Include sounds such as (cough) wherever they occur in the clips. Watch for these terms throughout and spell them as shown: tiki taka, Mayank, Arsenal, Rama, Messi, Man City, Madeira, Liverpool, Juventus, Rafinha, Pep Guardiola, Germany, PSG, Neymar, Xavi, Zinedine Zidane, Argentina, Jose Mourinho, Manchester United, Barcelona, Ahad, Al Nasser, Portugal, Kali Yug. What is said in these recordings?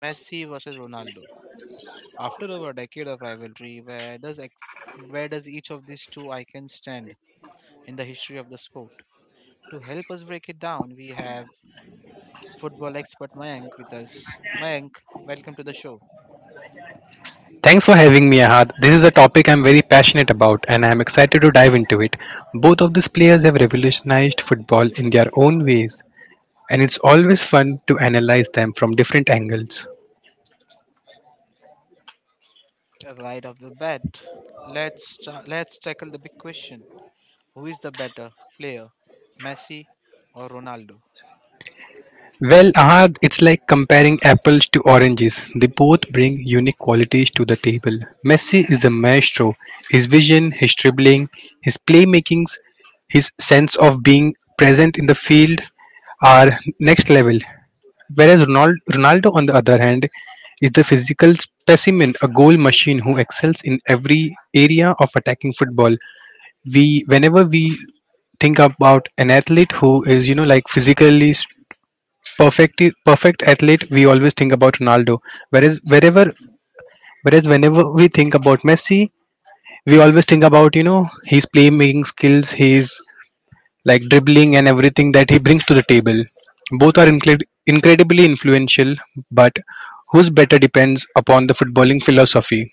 Messi versus Ronaldo. After over a decade of rivalry, where does each of these two icons stand in the history of the sport? To help us break it down, we have football expert Mayank with us. Mayank, welcome to the show. Thanks for having me, Ahad. This is a topic I'm very passionate about and I'm excited to dive into it. Both of these players have revolutionized football in their own ways, and it's always fun to analyze them from different angles. Right off the bat, let's tackle the big question: Who is the better player, Messi or Ronaldo? Well, Ahad, it's like comparing apples to oranges. They both bring unique qualities to the table. Messi is the maestro. His vision, his dribbling, his playmakings, his sense of being present in the field are next level. Whereas Ronaldo, on the other hand, is the physical specimen, a goal machine who excels in every area of attacking football. Whenever we think about an athlete who is, like physically perfect athlete, we always think about Ronaldo. Whereas wherever, whereas whenever we think about Messi, we always think about, his playmaking skills, his like dribbling and everything that he brings to the table. Both are incredibly influential, but who's better depends upon the footballing philosophy.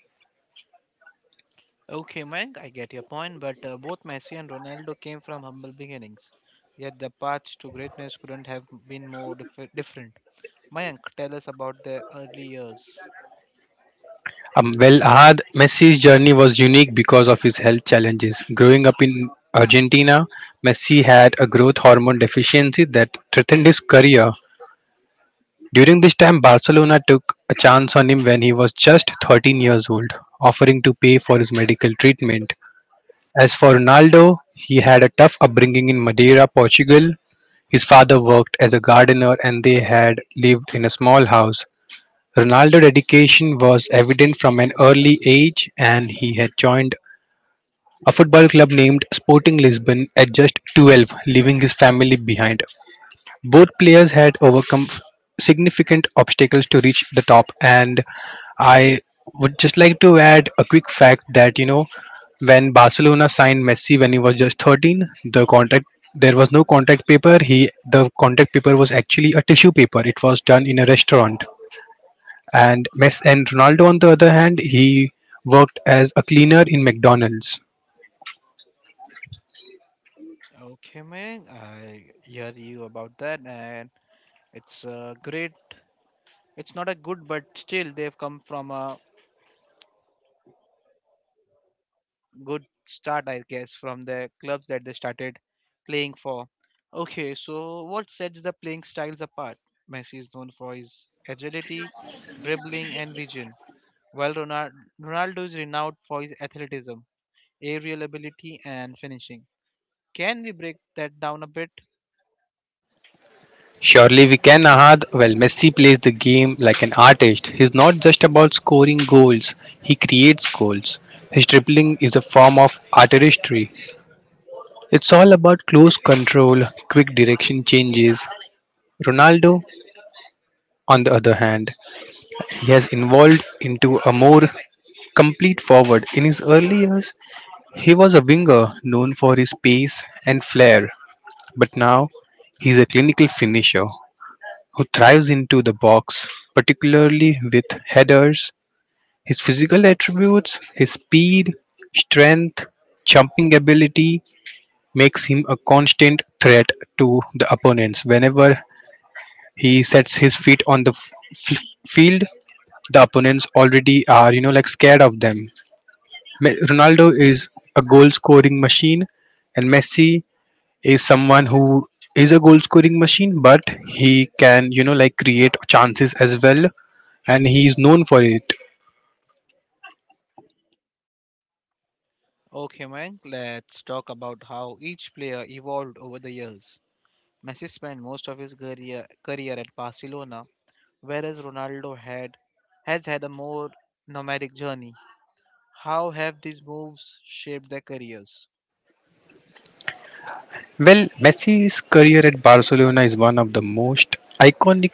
Okay, Meng, I get your point, but both Messi and Ronaldo came from humble beginnings. Yet the paths to greatness couldn't have been more different. Mayank, tell us about their early years. Well, Ahad, Messi's journey was unique because of his health challenges. Growing up in Argentina, Messi had a growth hormone deficiency that threatened his career. During this time, Barcelona took a chance on him when he was just 13 years old, offering to pay for his medical treatment. As for Ronaldo, he had a tough upbringing in Madeira, Portugal. His father worked as a gardener and they had lived in a small house. Ronaldo's dedication was evident from an early age and he had joined a football club named Sporting Lisbon at just 12, leaving his family behind. Both players had overcome significant obstacles to reach the top, and I would just like to add a quick fact that when Barcelona signed Messi when he was just 13, the contract, there was no contract paper. He the contract paper was actually a tissue paper. It was done in a restaurant. And Messi, and Ronaldo on the other hand, he worked as a cleaner in McDonald's. Okay, Mayank, I hear you about that, and it's great. It's not a good, but still they've come from a good start, I guess, from the clubs that they started playing for. Okay, so what sets the playing styles apart? Messi is known for his agility, dribbling, and vision, while Ronaldo is renowned for his athleticism, aerial ability, and finishing. Can we break that down a bit? Surely we can, Ahad. Well, Messi plays the game like an artist. He's not just about scoring goals, he creates goals. His dribbling is a form of artistry. It's all about close control, quick direction changes. Ronaldo, on the other hand, he has evolved into a more complete forward. In his early years, he was a winger known for his pace and flair, but now he's a clinical finisher who thrives into the box, particularly with headers. His physical attributes, his speed, strength, jumping ability makes him a constant threat to the opponents. Whenever he sets his feet on the f- field, the opponents already are, like scared of them. Ronaldo is a goal scoring machine, and Messi is someone who is a goal scoring machine, but he can, like create chances as well and he is known for it. Okay, Mayank, let's talk about how each player evolved over the years. Messi spent most of his career at Barcelona, whereas Ronaldo had has had a more nomadic journey. How have these moves shaped their careers? Well, Messi's career at Barcelona is one of the most iconic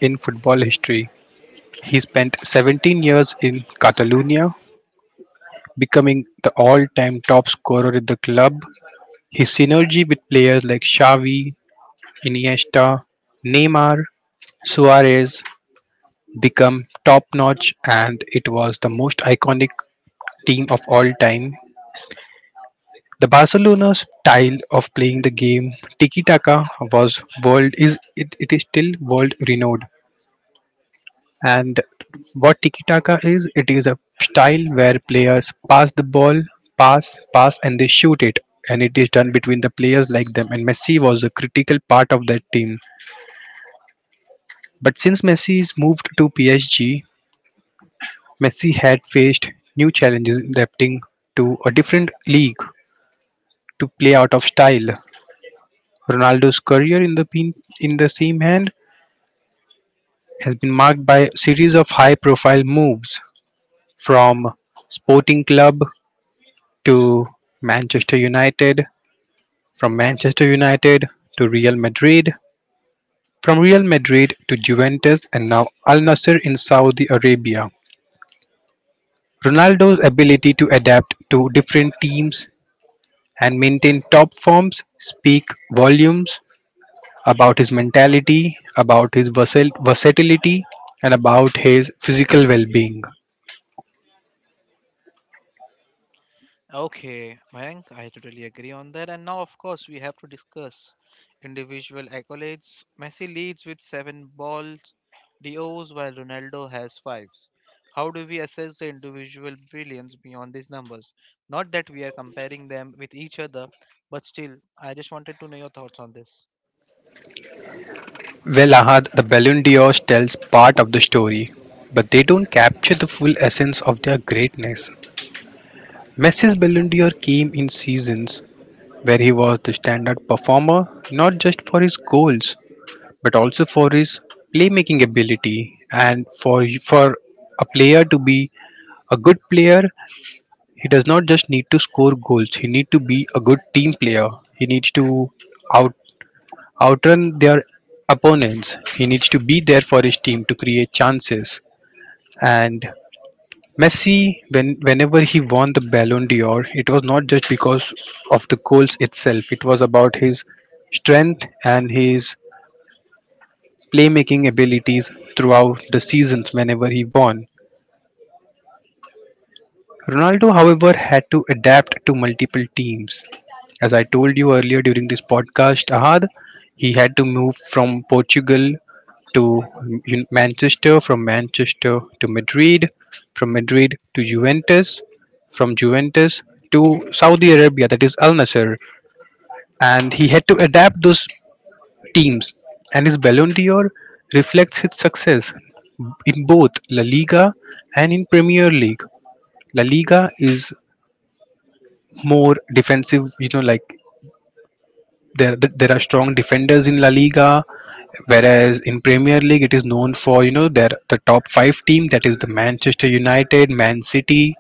in football history. He spent 17 years in Catalonia, becoming the all-time top scorer at the club. His synergy with players like Xavi, Iniesta, Neymar, Suarez become top-notch and it was the most iconic team of all time. The Barcelona style of playing the game, tiki taka, was world is it, it is still world renowned. And what tiki taka is, it is a style where players pass the ball, pass pass and they shoot it, and it is done between the players like them. And Messi was a critical part of that team, but since Messi is moved to PSG, Messi had faced new challenges adapting to a different league, to play out of style. Ronaldo's career in the pin- in the same hand has been marked by a series of high-profile moves, from Sporting Club to Manchester United, from Manchester United to Real Madrid, from Real Madrid to Juventus, and now Al Nasser in Saudi Arabia. Ronaldo's ability to adapt to different teams and maintain top forms speak volumes about his mentality, about his versatility, and about his physical well being. Okay, Mayank, I totally agree on that. And now, of course, we have to discuss individual accolades. Messi leads with seven balls, DOs, while Ronaldo has fives. How do we assess the individual brilliance beyond these numbers? Not that we are comparing them with each other, but still, I just wanted to know your thoughts on this. Well, Ahad, the Ballon d'Or tells part of the story, but they don't capture the full essence of their greatness. Messi's Ballon d'Or came in seasons where he was the standout performer, not just for his goals, but also for his playmaking ability, and for a player to be a good player, he does not just need to score goals. He need to be a good team player. He needs to out outrun their opponents. He needs to be there for his team to create chances. And Messi, whenever he won the Ballon d'Or, it was not just because of the goals itself. It was about his strength and his playmaking abilities throughout the seasons whenever he won. Ronaldo, however, had to adapt to multiple teams. As I told you earlier during this podcast, Ahad, he had to move from Portugal to Manchester, from Manchester to Madrid, from Madrid to Juventus, from Juventus to Saudi Arabia, that is Al Nasser. And he had to adapt those teams. And his Ballon d'Or reflects his success in both La Liga and in Premier League. La Liga is more defensive. Like there there are strong defenders in La Liga, whereas in Premier League it is known for their the top five team, that is the Manchester United, Man City,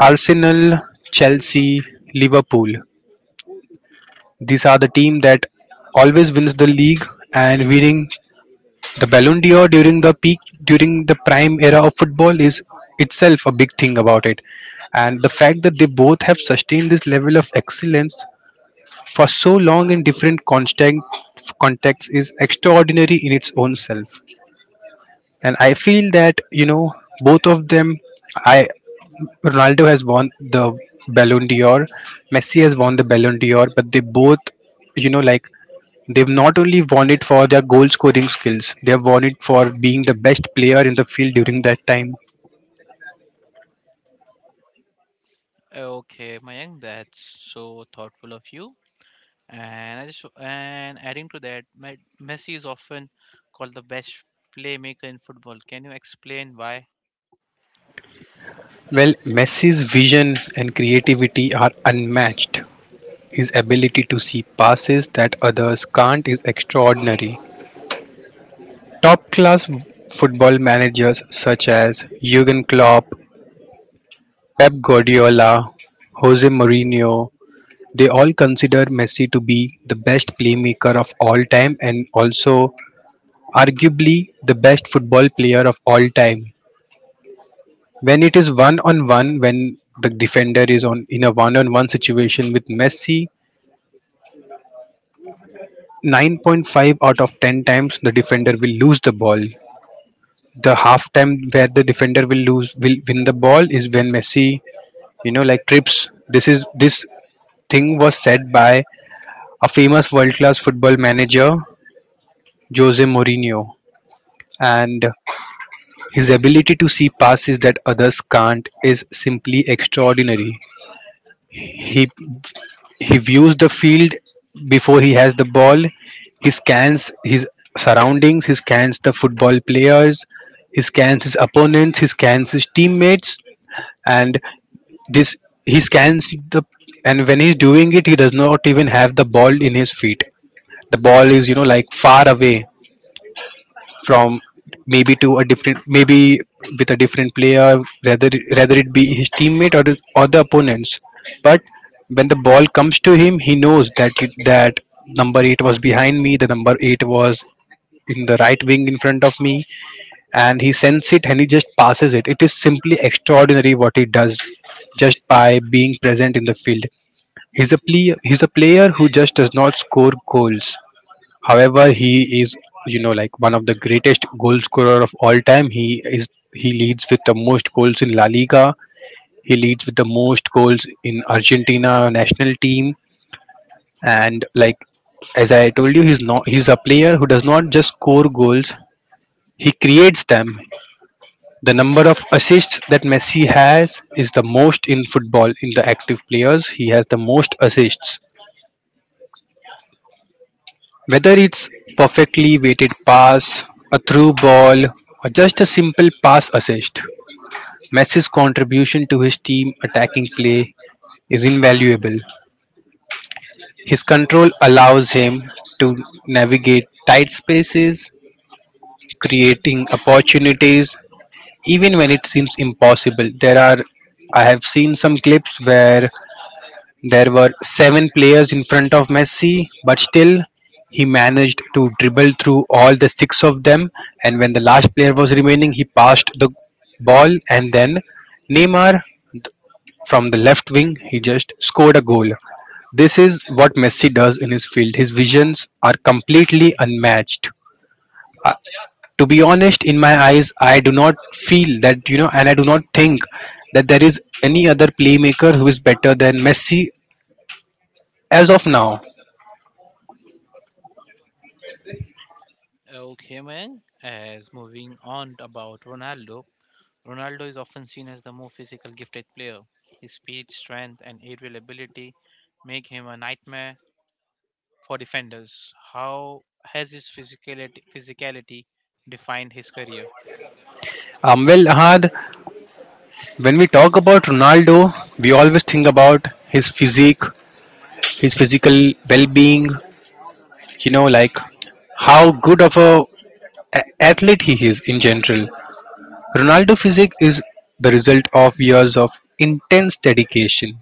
Arsenal, Chelsea, Liverpool. These are the team that always wins the league. And winning the Ballon d'Or during the prime era of football is itself a big thing about it. And the fact that they both have sustained this level of excellence for so long in different constant contexts is extraordinary in its own self. And I feel that both of them, I Ronaldo has won the Ballon d'Or, Messi has won the Ballon d'Or, but they both, like, they've not only won it for their goal scoring skills, they have won it for being the best player in the field during that time. Okay, Mayank, that's so thoughtful of you. And I just and adding to that, Messi is often called the best playmaker in football. Can you explain why? Well, Messi's vision and creativity are unmatched. His ability to see passes that others can't is extraordinary. Top class football managers such as Jurgen Klopp, Pep Guardiola, Jose Mourinho, they all consider Messi to be the best playmaker of all time, and also arguably the best football player of all time. When it is one on one, when the defender is on in a one on one situation with Messi, 9.5 out of 10 times the defender will lose the ball, the halftime where the defender will win the ball is when Messi, like, trips. This thing was said by a famous world class football manager, Jose Mourinho. And his ability to see passes that others can't is simply extraordinary. He he views the field before he has the ball. He scans his surroundings, he scans the football players, he scans his opponents, he scans his teammates. And This he scans the and when he's doing it, he does not even have the ball in his feet. The ball is like far away, from maybe with a different player, rather rather it be his teammate or the opponents. But when the ball comes to him, he knows that number eight was behind me, the number eight was in the right wing in front of me, and he sends it, and he just passes it. It is simply extraordinary what he does just by being present in the field. He's a player who just does not score goals. However, he is like one of the greatest goal scorer of all time. Is he leads with the most goals in La Liga. He leads with the most goals in Argentina national team. And like as I told you, he's not he's a player who does not just score goals. He creates them. The number of assists that Messi has is the most in football in the active players. He has the most assists. Whether it's perfectly weighted pass, a through ball, or just a simple pass assist, Messi's contribution to his team attacking play is invaluable. His control allows him to navigate tight spaces, creating opportunities even when it seems impossible. There are I have seen some clips where there were seven players in front of Messi, but still, he managed to dribble through all the six of them. And when the last player was remaining, he passed the ball. And then Neymar, from the left wing, he just scored a goal. This is what Messi does in his field. His visions are completely unmatched. To be honest, in my eyes, I do not feel that, and I do not think that there is any other playmaker who is better than Messi as of now. Okay, Mayank. As moving on about Ronaldo, Ronaldo is often seen as the more physical gifted player. His speed, strength, and aerial ability make him a nightmare for defenders. How has his physicality defined his career? Well, Ahad, when we talk about Ronaldo, we always think about his physique, his physical well-being. You know, like how good of a athlete he is in general. Ronaldo physique is the result of years of intense dedication.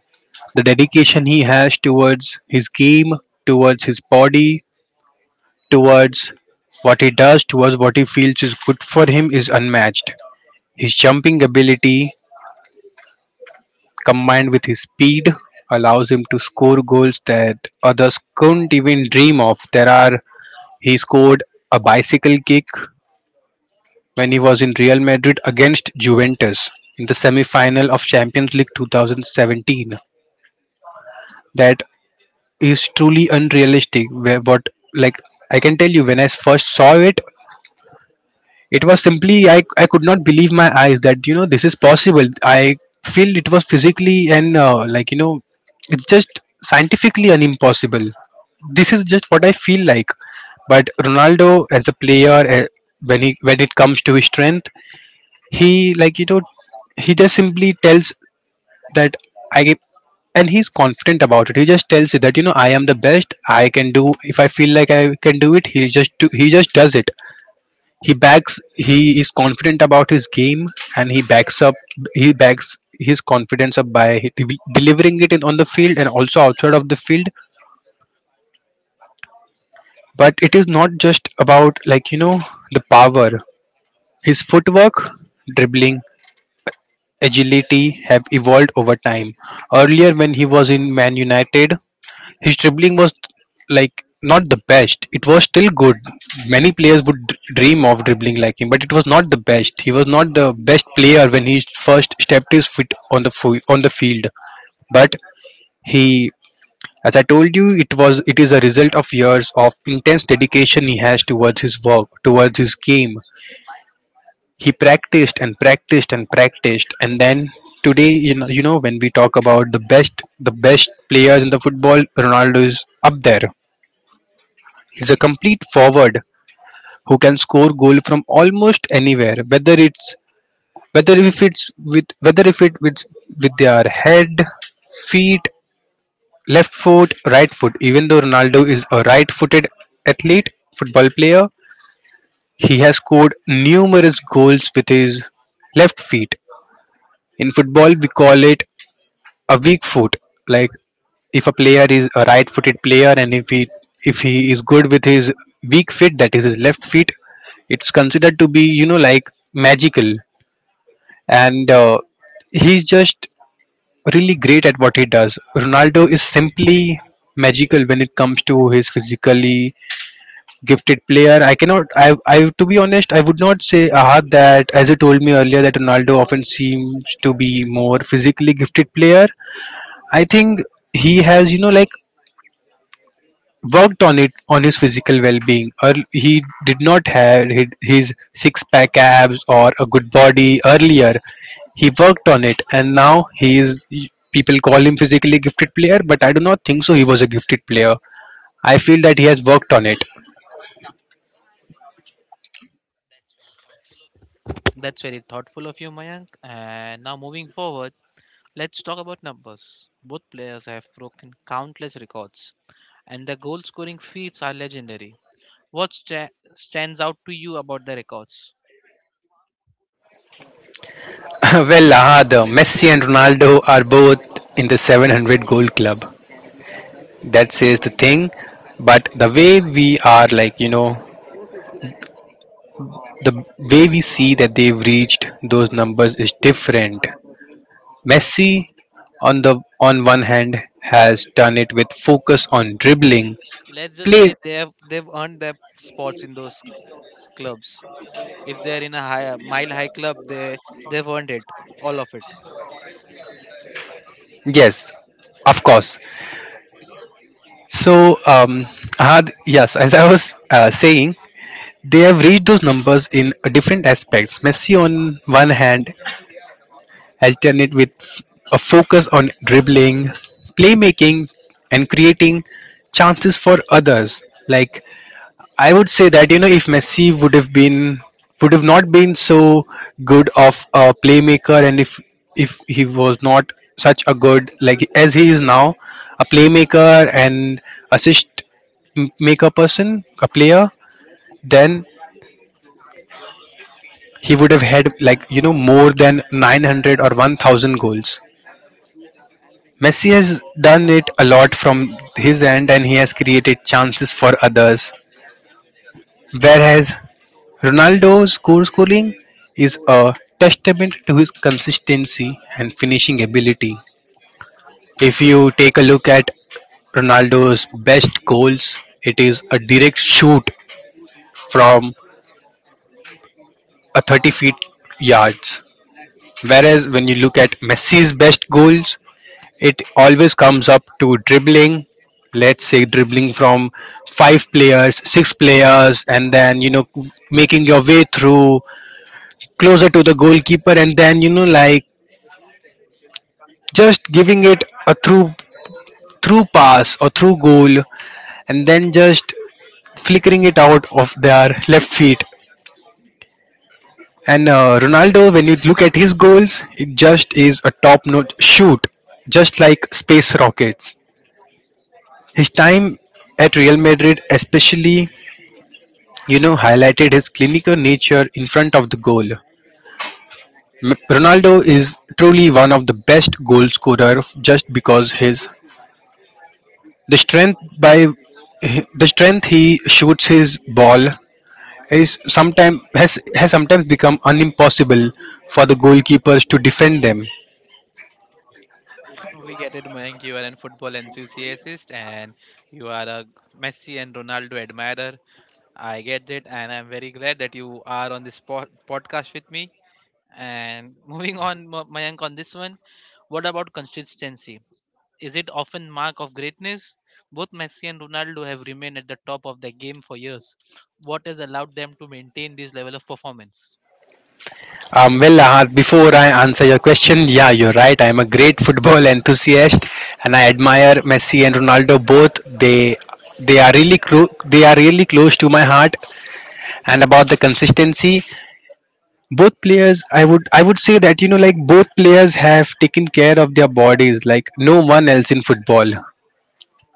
The dedication he has towards his game, towards his body, towards what he does, towards what he feels is good for him is unmatched. His jumping ability, combined with his speed, allows him to score goals that others couldn't even dream of. There are he scored a bicycle kick when he was in Real Madrid against Juventus in the semi-final of Champions League 2017. That is truly unrealistic. Where what like I can tell you, when I first saw it, it was simply, I could not believe my eyes that, you know, this is possible. I feel it was physically and like, you know, it's just scientifically an impossible. This is just what I feel like. But Ronaldo as a player, when he when it comes to his strength, he, like, you know, he just simply tells that I and he's confident about it. He just tells it that, you know, I am the best. I can do, if I feel like I can do it, he just does it. He is confident about his game, and he backs up. He backs his confidence up by delivering it on the field and also outside of the field. But it is not just about, like, you know, the power. His footwork, dribbling, agility have evolved over time. Earlier, when he was in Man United, his dribbling was, like, not the best. It was still good. Many players would dream of dribbling like him, but it was not the best. He was not the best player when he first stepped his foot on the field. But he, as I told you, it is a result of years of intense dedication he has towards his work, towards his game. He practiced and practiced and practiced, and then today, you know, when we talk about the best players in the football, Ronaldo is up there. He's a complete forward who can score goal from almost anywhere, whether if it with their head, feet, left foot, right foot. Even though Ronaldo is a right-footed athlete, football player, he has scored numerous goals with his left feet. In football, we call it a weak foot. Like, if a player is a right footed player, and if he is good with his weak foot, that is his left feet, it's considered to be, you know, like, magical. And he's just really great at what he does. Ronaldo is simply magical when it comes to his physically gifted player. I cannot i i, to be honest, I would not say, Ahad, that, as you told me earlier, that Ronaldo often seems to be more physically gifted player. I think he has, you know, like, worked on it, on his physical well-being. Or, he did not have his six-pack abs or a good body earlier. He worked on it, and now he is. People call him physically gifted player, but I do not think so. He was a gifted player. I feel that he has worked on it. That's very thoughtful of you, Mayank. And now, moving forward, let's talk about numbers. Both players have broken countless records, and their goal scoring feats are legendary. What stands out to you about their records? (laughs) well, ah, the Messi and Ronaldo are both in the 700 goal club. That says the thing. But the way we are, like, you know, the way we see that they've reached those numbers is different. Messi, on one hand, has done it with focus on dribbling, Let's just play. say they've earned their spots in those clubs. If they're in a high, mile high club, they've earned it, all of it. Yes, of course. So, had, yes, as I was saying, they have reached those numbers in different aspects. Messi, on one hand, has done it with a focus on dribbling, playmaking, and creating chances for others. Like, I would say that, you know, if Messi would have not been so good of a playmaker, and if he was not such a good, like, as he is now, a playmaker and assist maker person, a player, then he would have had, like, you know, more than 900 or 1,000 goals. Messi has done it a lot from his end, and he has created chances for others, whereas Ronaldo's goal scoring is a testament to his consistency and finishing ability. If you take a look at Ronaldo's best goals, it is a direct shoot from a 30 feet yards. Whereas when you look at Messi's best goals, it always comes up to dribbling. Let's say dribbling from five players, six players, and then, you know, making your way through, closer to the goalkeeper, and then, you know, like, just giving it a through pass, or through goal, and then just flickering it out of their left feet. And Ronaldo, when you look at his goals, it just is a top notch shoot, just like space rockets. His time at Real Madrid especially, you know, highlighted his clinical nature in front of the goal. Ronaldo is truly one of the best goal scorer, just because his the strength, by the strength he shoots his ball, is sometime has sometimes become unimpossible for the goalkeepers to defend them. (laughs) We get it, Mayank. You are a football enthusiast and you are a Messi and Ronaldo admirer. I get it, and I'm very glad that you are on this podcast with me. And (laughs) moving on, Mayank, on this one, what about consistency? Is it often mark of greatness? Both Messi and Ronaldo have remained at the top of their game for years. What has allowed them to maintain this level of performance? Well, Ahad, before I answer your question, yeah, you're right. I am a great football enthusiast, and I admire Messi and Ronaldo both. They are really close to my heart. And about the consistency, both players, I would say that, you know, like, both players have taken care of their bodies like no one else in football.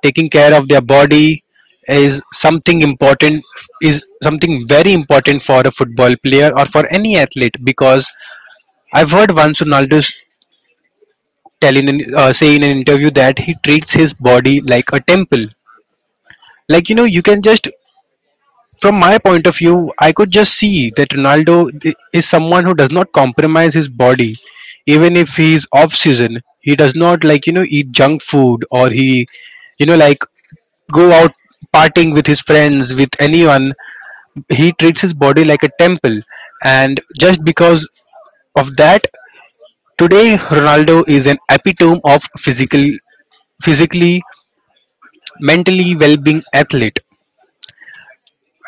Taking care of their body is something important is something very important for a football player or for any athlete. Because I've heard once Ronaldo say in an interview that he treats his body like a temple. Like, you know, you can just, from my point of view, I could just see that Ronaldo is someone who does not compromise his body. Even if he's off season, he does not, like, you know, eat junk food, or he, you know, like, go out partying with his friends, with anyone. He treats his body like a temple. And just because of that, today Ronaldo is an epitome of physically, mentally well-being athlete.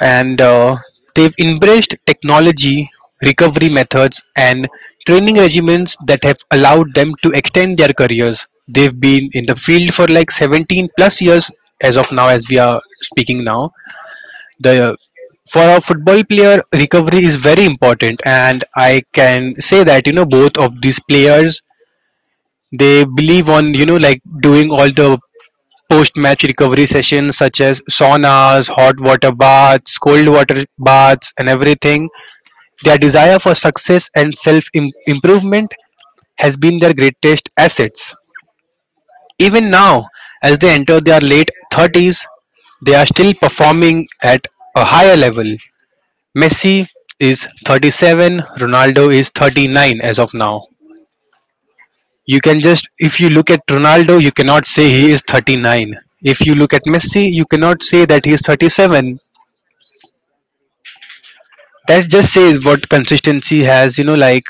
And they've embraced technology, recovery methods, and training regimens that have allowed them to extend their careers. They've been in the field for like 17 plus years as of now, as we are speaking now. The For a football player, recovery is very important. And I can say that, you know, both of these players, they believe on, you know, like, doing all the post match recovery sessions, such as saunas, hot water baths, cold water baths, and everything. Their desire for success and self improvement has been their greatest assets. Even now, as they enter their late 30s, they are still performing at a higher level. Messi is 37, Ronaldo is 39 as of now. You can just, if you look at Ronaldo, you cannot say he is 39. If you look at Messi, you cannot say that he is 37. That just says what consistency has, you know, like,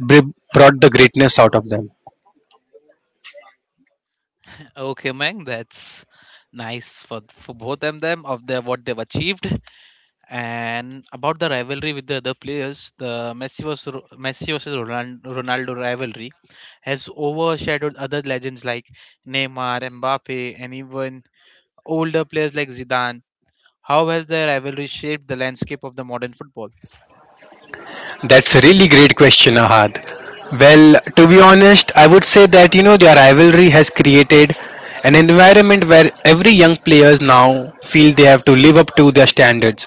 brought the greatness out of them. (laughs) Okay, Mayank, that's nice for both of them of their what they've achieved. And about the rivalry with the other players, the Messi versus Ronaldo rivalry has overshadowed other legends like Neymar, Mbappe, and even older players like Zidane. How has their rivalry shaped the landscape of the modern football? That's a really great question, Ahad. Well, to be honest, I would say that, you know, their rivalry has created an environment where every young players now feel they have to live up to their standards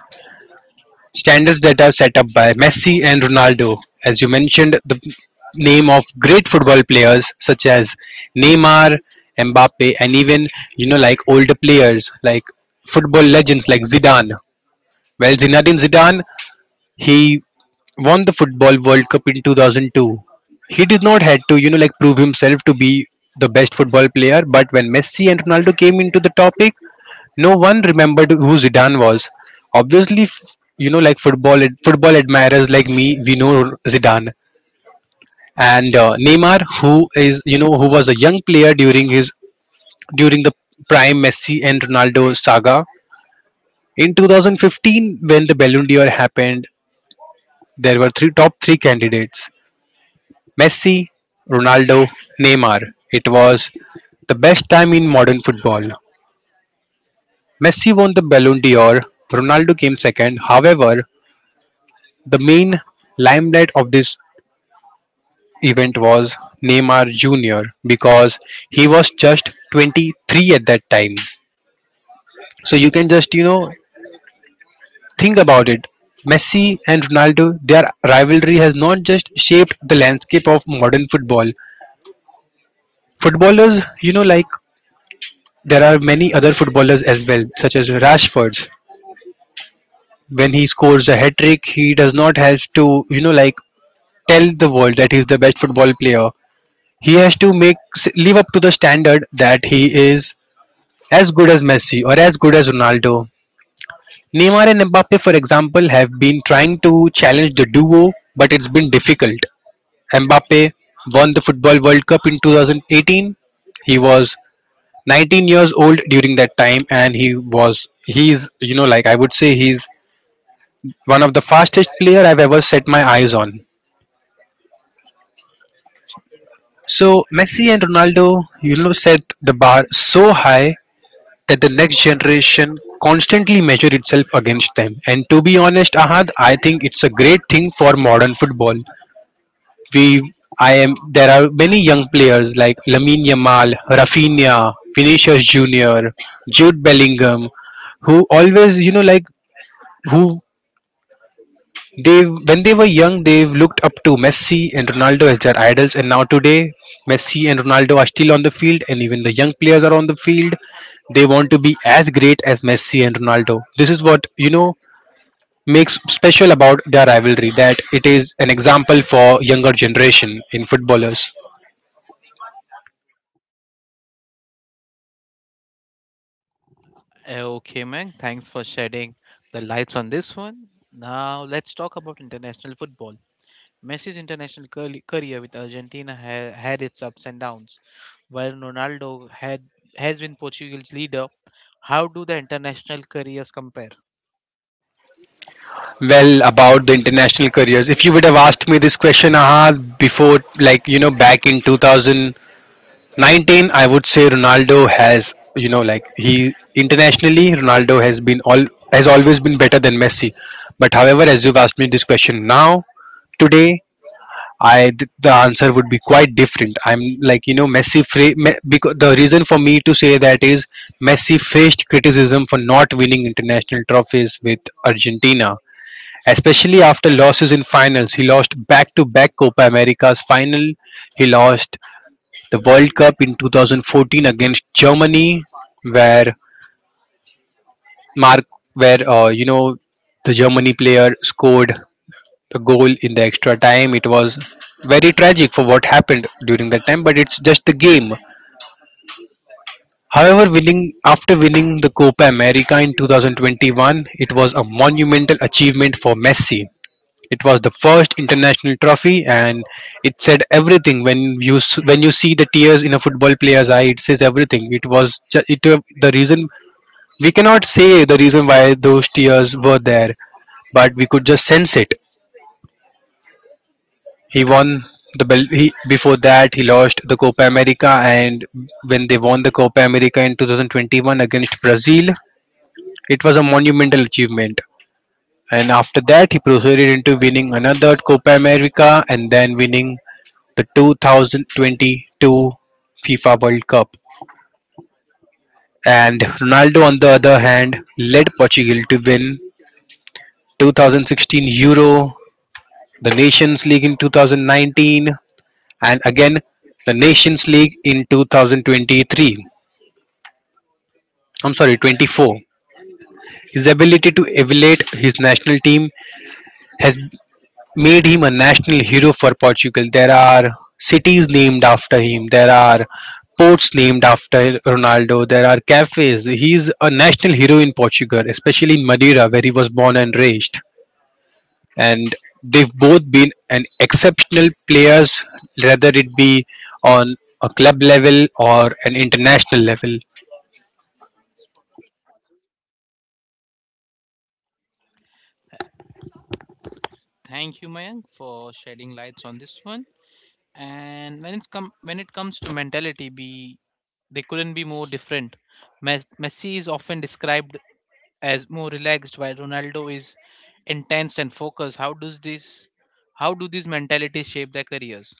standards that are set up by Messi and Ronaldo. As you mentioned, the name of great football players such as Neymar, Mbappe, and even, you know, like, older players, like football legends like Zidane. Well, Zinedine Zidane, he won the football World Cup in 2002. He did not had to, you know, like, prove himself to be the best football player, but when Messi and Ronaldo came into the topic, no one remembered who Zidane was. Obviously, you know, like, football admirers like me, we know Zidane. And Neymar, who is you know who was a young player, during his during the prime Messi and Ronaldo saga. In 2015, when the Ballon d'Or happened, there were three top three candidates. Messi, Ronaldo, Neymar. It was the best time in modern football. Messi won the Ballon d'Or, Ronaldo came second. However, the main limelight of this event was Neymar Jr. because he was just 23 at that time. So you can just, you know, think about it. Messi and Ronaldo, their rivalry has not just shaped the landscape of modern football. Footballers, you know, like, there are many other footballers as well, such as Rashford. When he scores a hat trick, he does not have to, you know, like, tell the world that he's the best football player. He has to make live up to the standard that he is as good as Messi or as good as Ronaldo. Neymar and Mbappe, for example, have been trying to challenge the duo, but it's been difficult. Mbappe won the Football World Cup in 2018. He was 19 years old during that time, and he's like I would say he's one of the fastest player I've ever set my eyes on. So Messi and Ronaldo, set the bar so high that the next generation constantly measure itself against them. And to be honest, Ahad, I think it's a great thing for modern football. We I am there are many young players like Lamine Yamal, Rafinha, Vinicius Junior, Jude Bellingham, who always, you know like who They when they were young, they have looked up to Messi and Ronaldo as their idols. And now today, Messi and Ronaldo are still on the field, and even the young players are on the field. They want to be as great as Messi and Ronaldo. This is what makes special about their rivalry, that it is an example for younger generation in footballers. Okay, man. Thanks for shedding the lights on this one. Now let's talk about international football. Messi's international career with Argentina had its ups and downs. While Ronaldo had has been Portugal's leader, how do the international careers compare? Well, about the international careers, if you would have asked me this question, aha before, back in 2000 19, I would say Ronaldo has, he internationally, Ronaldo has been all has always been better than Messi. But however, as you've asked me this question now today, the answer would be quite different. I'm like, Messi, because the reason for me to say that is Messi faced criticism for not winning international trophies with Argentina, especially after losses in finals. He lost back to back Copa Americas final. He lost the World Cup in 2014 against Germany, where Mark, where uh, you know the Germany player scored the goal in the extra time. It was very tragic for what happened during that time, but it's just the game. However, winning the Copa America in 2021, it was a monumental achievement for Messi. It was the first international trophy, and it said everything. When you see the tears in a football player's eye, it says everything. It was ju- it The reason we cannot say the reason why those tears were there, but we could just sense it. He won the bel- he Before that, he lost the Copa America, and when they won the Copa America in 2021 against Brazil, it was a monumental achievement. And after that, he proceeded into winning another Copa America and then winning the 2022 FIFA World Cup. And Ronaldo, on the other hand, led Portugal to win 2016 Euro, the Nations League in 2019, and again the Nations League in 2023. I'm sorry, 24. His ability to elevate his national team has made him a national hero for Portugal. There are cities named after him, there are ports named after Ronaldo, there are cafes. He is a national hero in Portugal, especially in Madeira, where he was born and raised. And they've both been an exceptional players, whether it be on a club level or an international level. Thank you, Mayank, for shedding lights on this one. And when it's come when it comes to mentality, be they couldn't be more different. Messi is often described as more relaxed, while Ronaldo is intense and focused. How does this how do these mentalities shape their careers?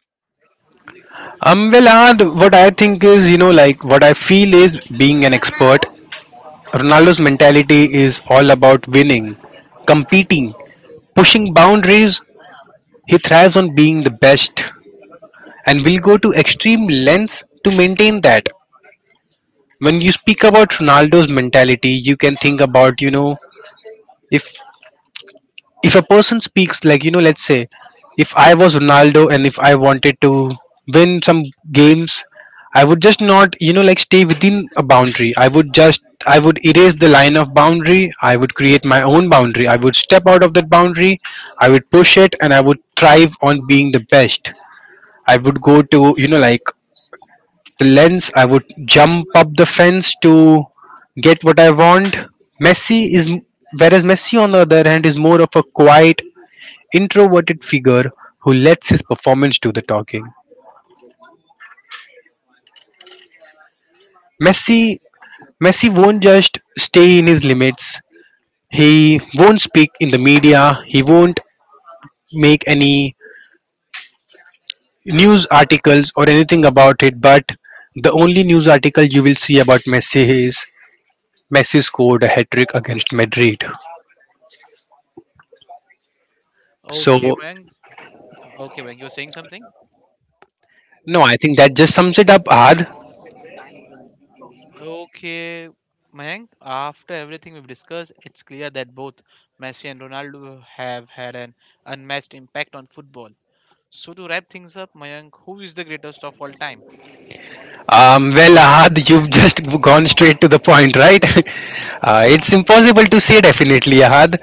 Well, Ad, what I think is, like what I feel is, being an expert, Ronaldo's mentality is all about winning, competing, pushing boundaries. He thrives on being the best and will go to extreme lengths to maintain that. When you speak about Ronaldo's mentality, you can think about, if a person speaks like, let's say if I was Ronaldo and if I wanted to win some games, I would just not, like, stay within a boundary. I would just, I would erase the line of boundary. I would create my own boundary, I would step out of that boundary, I would push it, and I would thrive on being the best. I would go to, like, the lens. I would jump up the fence to get what I want. Messi is whereas Messi, on the other hand, is more of a quiet, introverted figure who lets his performance do the talking. Messi Messi won't just stay in his limits. He won't speak in the media. He won't make any news articles or anything about it. But the only news article you will see about Messi is Messi scored a hat trick against Madrid. So Okay, Mayank. Okay Mayank, you are saying something. no, I think that just sums it up, Ad. Okay, Mayank. After everything we've discussed, it's clear that both Messi and Ronaldo have had an unmatched impact on football. So to wrap things up, Mayank, who is the greatest of all time? Well, Ahad, you've just (laughs) gone straight to the point, right? (laughs) It's impossible to say definitely, Ahad.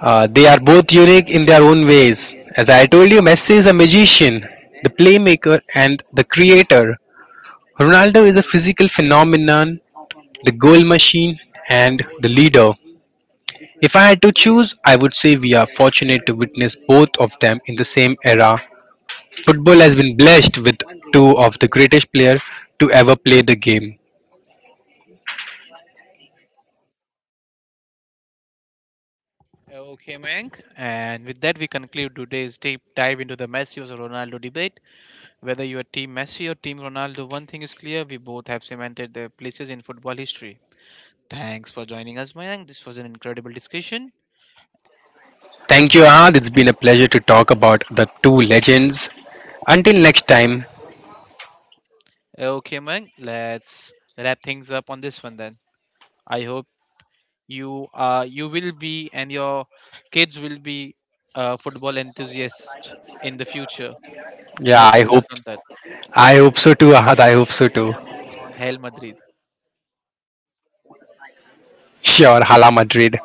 They are both unique in their own ways. As I told you, Messi is a magician, the playmaker, and the creator. Ronaldo is a physical phenomenon, the goal machine, and the leader. If I had to choose, I would say we are fortunate to witness both of them in the same era. Football has been blessed with two of the greatest players to ever play the game. Okay, Mayank. And with that, we conclude today's deep dive into the Messi versus Ronaldo debate. Whether you are Team Messi or Team Ronaldo, one thing is clear: we both have cemented their places in football history. Thanks for joining us, Mayank. This was an incredible discussion. Thank you, Ahad. It's been a pleasure to talk about the two legends. Until next time, Okay, Mayank, let's wrap things up on this one then. I hope you you will be and your kids will be football enthusiasts in the future. yeah, Let's let's on that. I hope so too, Ahad. I hope so too. (laughs) Hail Madrid. Sure, Hala Madrid.